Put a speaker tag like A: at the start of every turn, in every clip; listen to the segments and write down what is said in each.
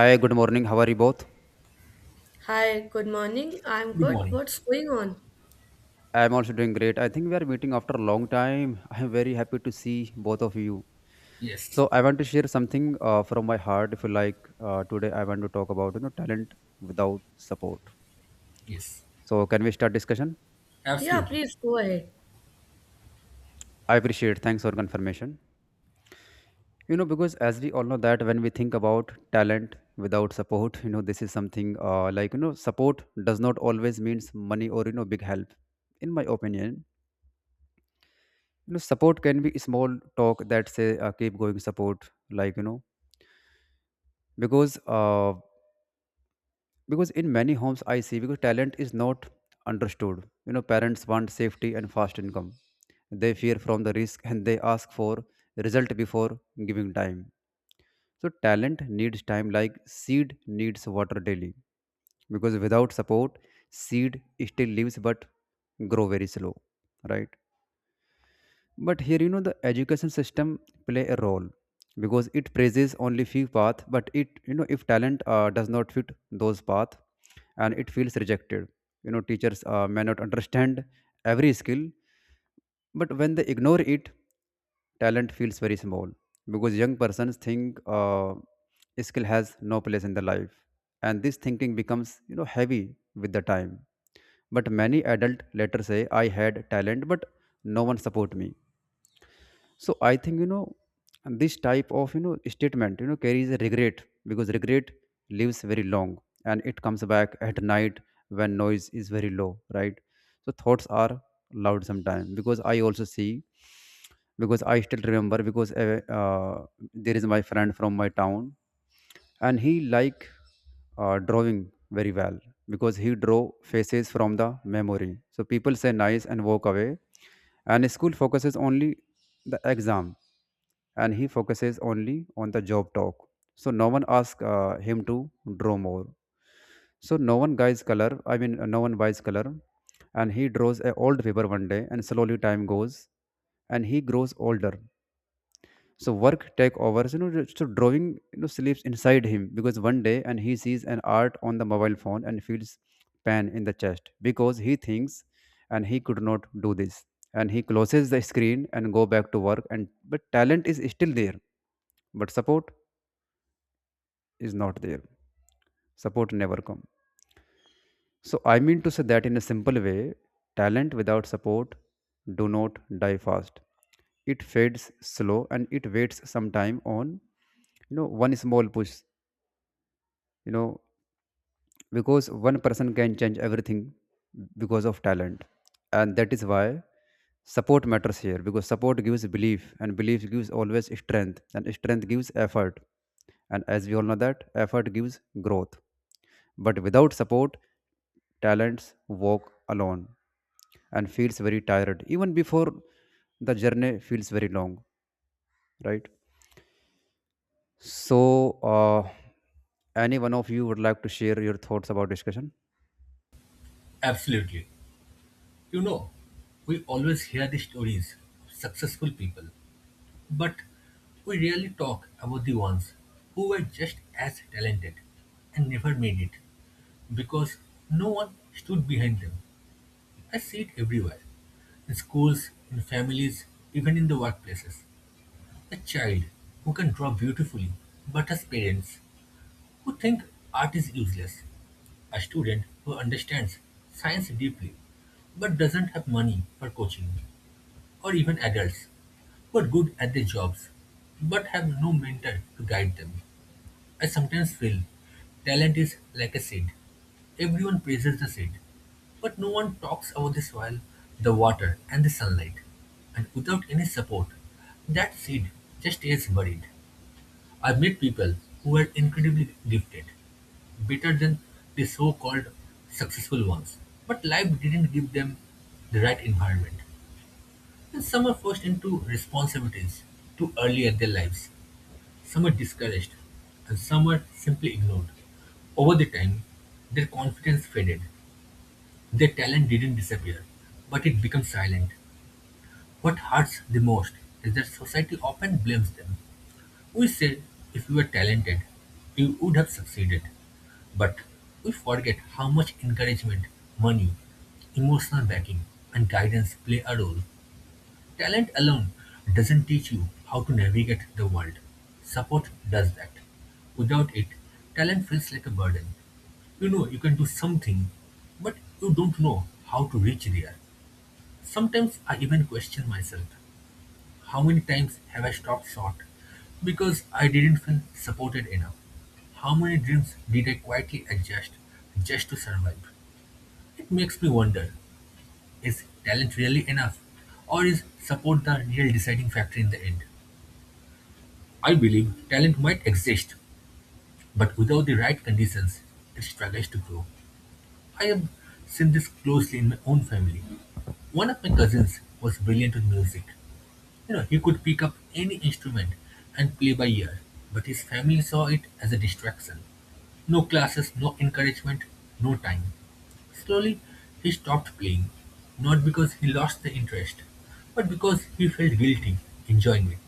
A: Hi, good morning. How are you both?
B: Hi, good morning. I'm
C: Good
B: good.
C: morning.
B: What's going on?
A: I am also doing great. I think we are meeting after a long time. I am very happy to see both of you.
C: Yes,
A: So I want to share something from my heart. If you like, today I want to talk about you know talent without support.
C: yes,
A: So can we start discussion?
B: Yeah,
C: absolutely,
B: please go ahead.
A: I appreciate. Thanks for confirmation. You know because as we all know that when we think about talent without support, you know this is something like you know support does not always means money or you know big help. In my opinion, you know support can be small talk that say keep going support like you know because uh, because in many homes I see because talent is not understood, you know parents want safety and fast income. They fear from the risk and they ask for result before giving time. So talent needs time like seed needs water daily, because without support seed still lives but grow very slow, right? But here, you know, the education system play a role because it praises only few path, but it, you know, if talent does not fit those path and it feels rejected, you know, teachers may not understand every skill, but when they ignore it, talent feels very small because young persons think skill has no place in the life, and this thinking becomes you know heavy with the time. But many adult later say I had talent but no one support me. So I think you know this type of you know statement you know carries a regret because regret lives very long and it comes back at night when noise is very low, right? So thoughts are loud sometimes because I also see, because I still remember, because there is my friend from my town and he like drawing very well because he draw faces from the memory. So people say nice and walk away, and school focuses only the exam and he focuses only on the job talk. So no one asks him to draw more. So no one buys color, no one buys color. And he draws a old paper one day, and slowly time goes and he grows older. So work take overs, you know, so drawing, you know, sleeps inside him because one day and he sees an art on the mobile phone and feels pain in the chest because he thinks and he could not do this. And he closes the screen and go back to work, and but talent is still there, but support is not there. Support never come. So I mean to say that in a simple way, talent without support do not die fast. It fades slow and it waits some time on you know one small push, you know, because one person can change everything because of talent. And that is why support matters here, because support gives belief and belief gives always strength and strength gives effort, and as we all know that effort gives growth. But without support, talents walk alone and feels very tired even before the journey feels very long, right? So uh, any one of you would like to share your thoughts about discussion?
C: absolutely. You know, we always hear the stories of successful people, but we rarely talk about the ones who were just as talented and never made it because no one stood behind them. I see it everywhere in schools, in families, even in the workplaces. A child who can draw beautifully, but has parents who think art is useless. A student who understands science deeply but doesn't have money for coaching, or even adults who are good at their jobs but have no mentor to guide them. I sometimes feel talent is like a seed. Everyone praises the seed, but no one talks about the soil, the water, and the sunlight. And without any support, that seed just stays buried. I've met people who were incredibly gifted, better than the so called successful ones, but life didn't give them the right environment. And some are forced into responsibilities too early in their lives, some are discouraged, and some are simply ignored. Over the time, their confidence faded, their talent didn't disappear, but it became silent. What hurts the most is that society often blames them. We say, "If you were talented, you would have succeeded." But we forget how much encouragement, money, emotional backing, and guidance play a role. Talent alone doesn't teach you how to navigate the world. Support does that. Without it, talent feels like a burden. You know you can do something, but you don't know how to reach there. Sometimes I even question myself, how many times have I stopped short because I didn't feel supported enough? How many dreams did I quietly adjust just to survive? It makes me wonder, is talent really enough? Or is support the real deciding factor in the end? I believe talent might exist, but without the right conditions, it struggles to grow. I have seen this closely in my own family. One of my cousins was brilliant in music. You know, he could pick up any instrument and play by ear, but his family saw it as a distraction. No classes, no encouragement, no time. Slowly, he stopped playing, not because he lost the interest, but because he felt guilty enjoying it.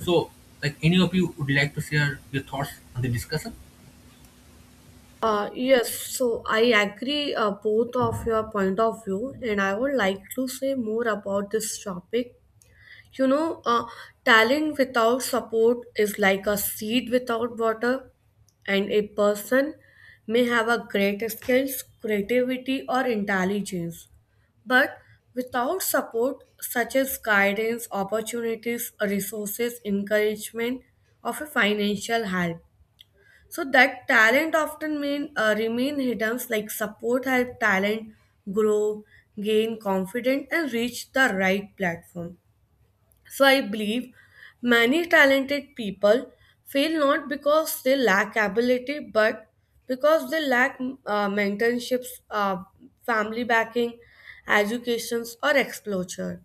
C: So, like any of you would like to share your thoughts on the discussion?
B: Yes, so I agree both of your point of view, and I would like to say more about this topic, you know, talent without support is like a seed without water, and a person may have a great skills, creativity, or intelligence, but without support such as guidance, opportunities, resources, encouragement, or a financial help, so that talent often mean remain hidden. Like support help talent grow, gain confidence, and reach the right platform. So I believe many talented people fail not because they lack ability, but because they lack mentorships, family backing, educations, or exposure.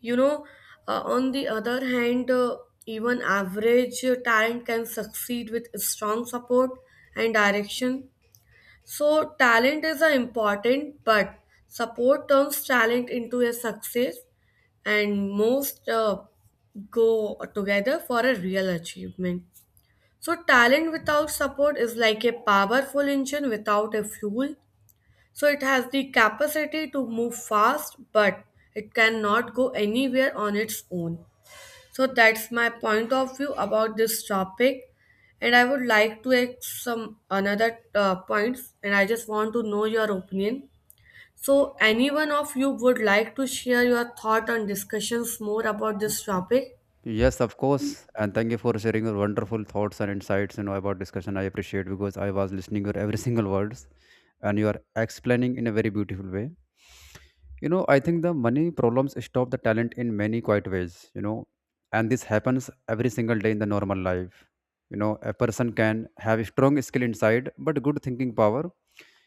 B: You know, on the other hand, even average talent can succeed with strong support and direction. So talent is a important, but support turns talent into a success, and most go together for a real achievement. So talent without support is like a powerful engine without a fuel. So it has the capacity to move fast, but it cannot go anywhere on its own. So that's my point of view about this topic, and I would like to add some another points, and I just want to know your opinion. So, anyone of you would like to share your thought on discussions more about this topic?
A: Yes, of course. And thank you for sharing your wonderful thoughts and insights, you know, about discussion. I appreciate because I was listening your every single words and you are explaining in a very beautiful way. You know, I think the money problems stop the talent in many quiet ways, you know, and this happens every single day in the normal life. You know, a person can have a strong skill inside, but good thinking power,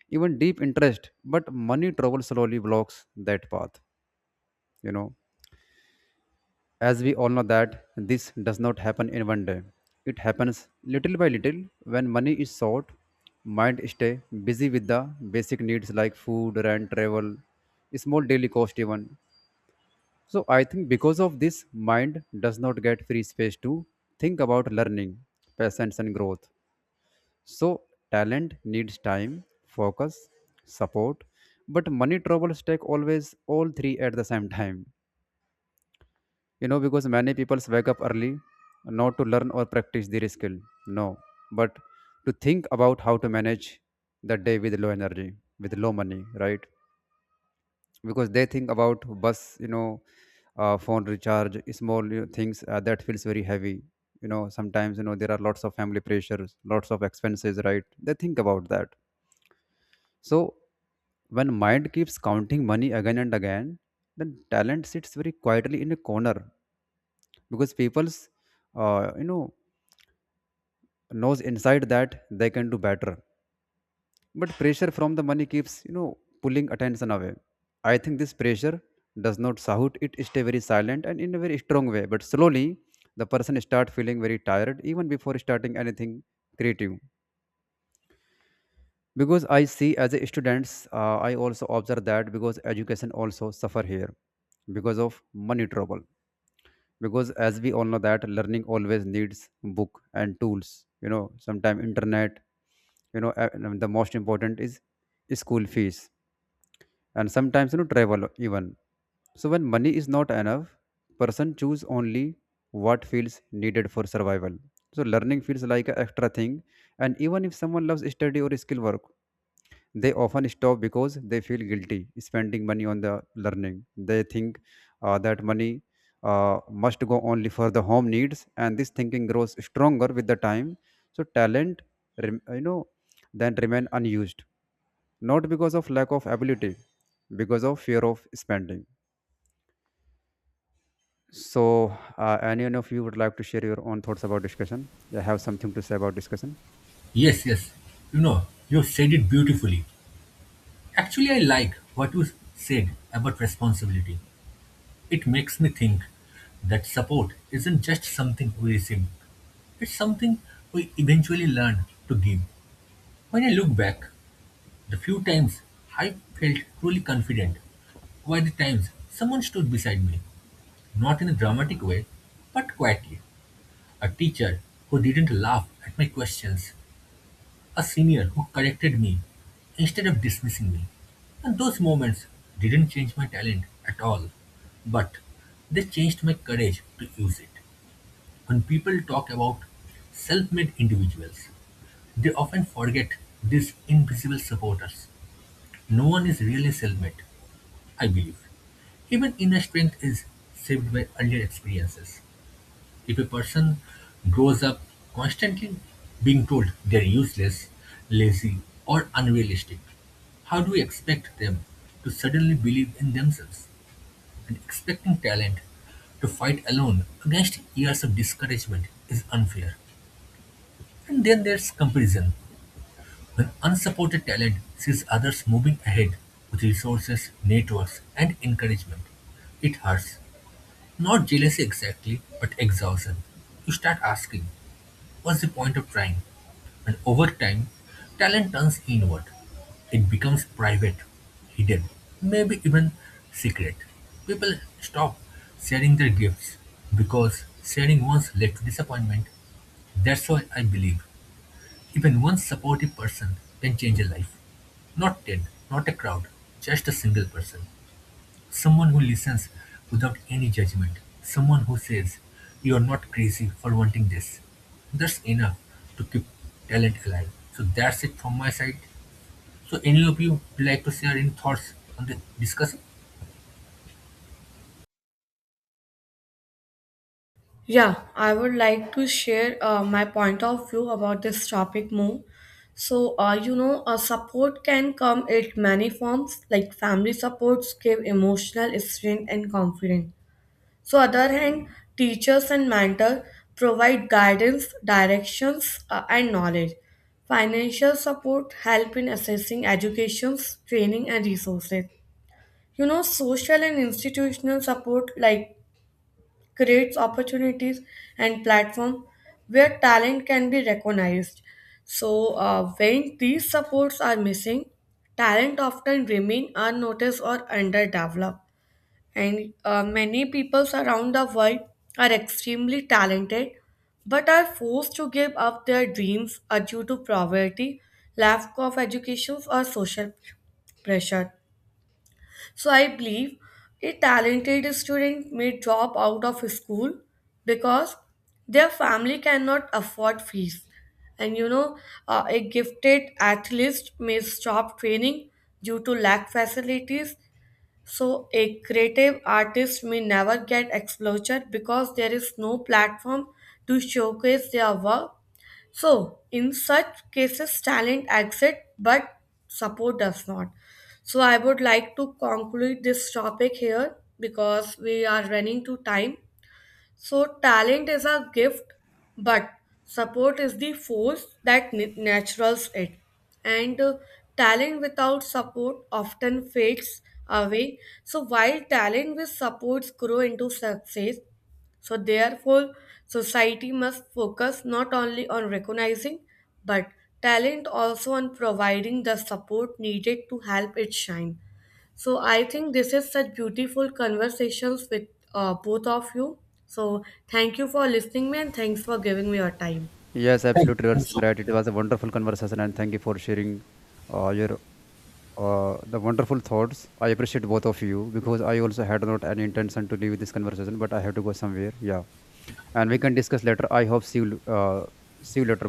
A: even deep interest, but money trouble slowly blocks that path, you know, as we all know that this does not happen in one day. It happens little by little. When money is short, mind stay busy with the basic needs like food, rent, travel, small daily cost even. So I think because of this mind does not get free space to think about learning, patience and growth. So talent needs time, focus, support, but money troubles take always all three at the same time. You know, because many people wake up early not to learn or practice their skill, no, but to think about how to manage the day with low energy, with low money, right? Because they think about bus, you know, phone recharge, small, you know, things that feels very heavy. You know, sometimes you know there are lots of family pressures, lots of expenses, right? They think about that. So when mind keeps counting money again and again, then talent sits very quietly in a corner because people's you know knows inside that they can do better, but pressure from the money keeps you know pulling attention away. I think this pressure does not shout, it stay very silent and in a very strong way, but slowly the person start feeling very tired even before starting anything creative. Because I see as a students I also observe that because education also suffer here because of money trouble. Because as we all know that learning always needs book and tools, you know sometimes internet, you know and the most important is school fees, and sometimes you know travel even. So when money is not enough, person choose only what feels needed for survival. So learning feels like an extra thing, and even if someone loves study or skill work, they often stop because they feel guilty spending money on the learning. They think that money must go only for the home needs, and this thinking grows stronger with the time. So talent you know then remain unused, not because of lack of ability, because of fear of spending. So any one of you would like to share your own thoughts about discussion? You have something to say about discussion?
C: Yes, yes. You know, you said it beautifully. Actually, I like what you said about responsibility. It makes me think that support isn't just something we receive, it's something we eventually learn to give. When I look back, the few times I felt truly confident were the times someone stood beside me, not in a dramatic way, but quietly. A teacher who didn't laugh at my questions, a senior who corrected me instead of dismissing me. And those moments didn't change my talent at all, but they changed my courage to use it. When people talk about self-made individuals, they often forget these invisible supporters. No one is really self-made, I believe. Even inner strength is shaped by earlier experiences. If a person grows up constantly being told they're useless, lazy, or unrealistic, how do we expect them to suddenly believe in themselves? And expecting talent to fight alone against years of discouragement is unfair. And then there's comparison, when unsupported talent sees others moving ahead with resources, networks, and encouragement. It hurts. Not jealousy exactly, but exhaustion. You start asking, what's the point of trying? And over time, talent turns inward. It becomes private, hidden, maybe even secret. People stop sharing their gifts because sharing once led to disappointment. That's why I believe even one supportive person can change a life. Not ten, not a crowd, just a single person. Someone who listens without any judgment. Someone who says, "You are not crazy for wanting this." That's enough to keep talent alive. So that's it from my side. So, any of you would like to share any thoughts on the discussion?
B: Yeah, I would like to share my point of view about this topic more. So, you know, support can come in many forms, like family supports give emotional strength and confidence. So other hand, teachers and mentor provide guidance, directions, and knowledge. Financial support help in assessing educations, training, and resources. You know, social and institutional support like creates opportunities and platform where talent can be recognized. So when these supports are missing, talent often remain unnoticed or underdeveloped. And many people around the world are extremely talented but are forced to give up their dreams due to poverty, lack of education, or social pressure. So I believe a talented student may drop out of school because their family cannot afford fees. And you know, a gifted athlete may stop training due to lack facilities. So, a creative artist may never get exposure because there is no platform to showcase their work. So, in such cases, talent exits but support does not. So, I would like to conclude this topic here because we are running to time. So, talent is a gift, but support is the force that naturals it. And talent without support often fades away. So, while talent with supports grow into success, so therefore, society must focus not only on recognizing but talent also on providing the support needed to help it shine. So I think this is such beautiful conversations with both of you. So thank you for listening me and thanks for giving me your time.
A: Yes,
C: Thank
A: absolutely, you are
C: you
A: saying
C: so
A: right.
C: much.
A: It was a wonderful conversation and thank you for sharing your the wonderful thoughts. I appreciate both of you because I also had not any intention to leave this conversation, but I have to go somewhere. Yeah, and we can discuss later. I hope see you. Uh, See you later.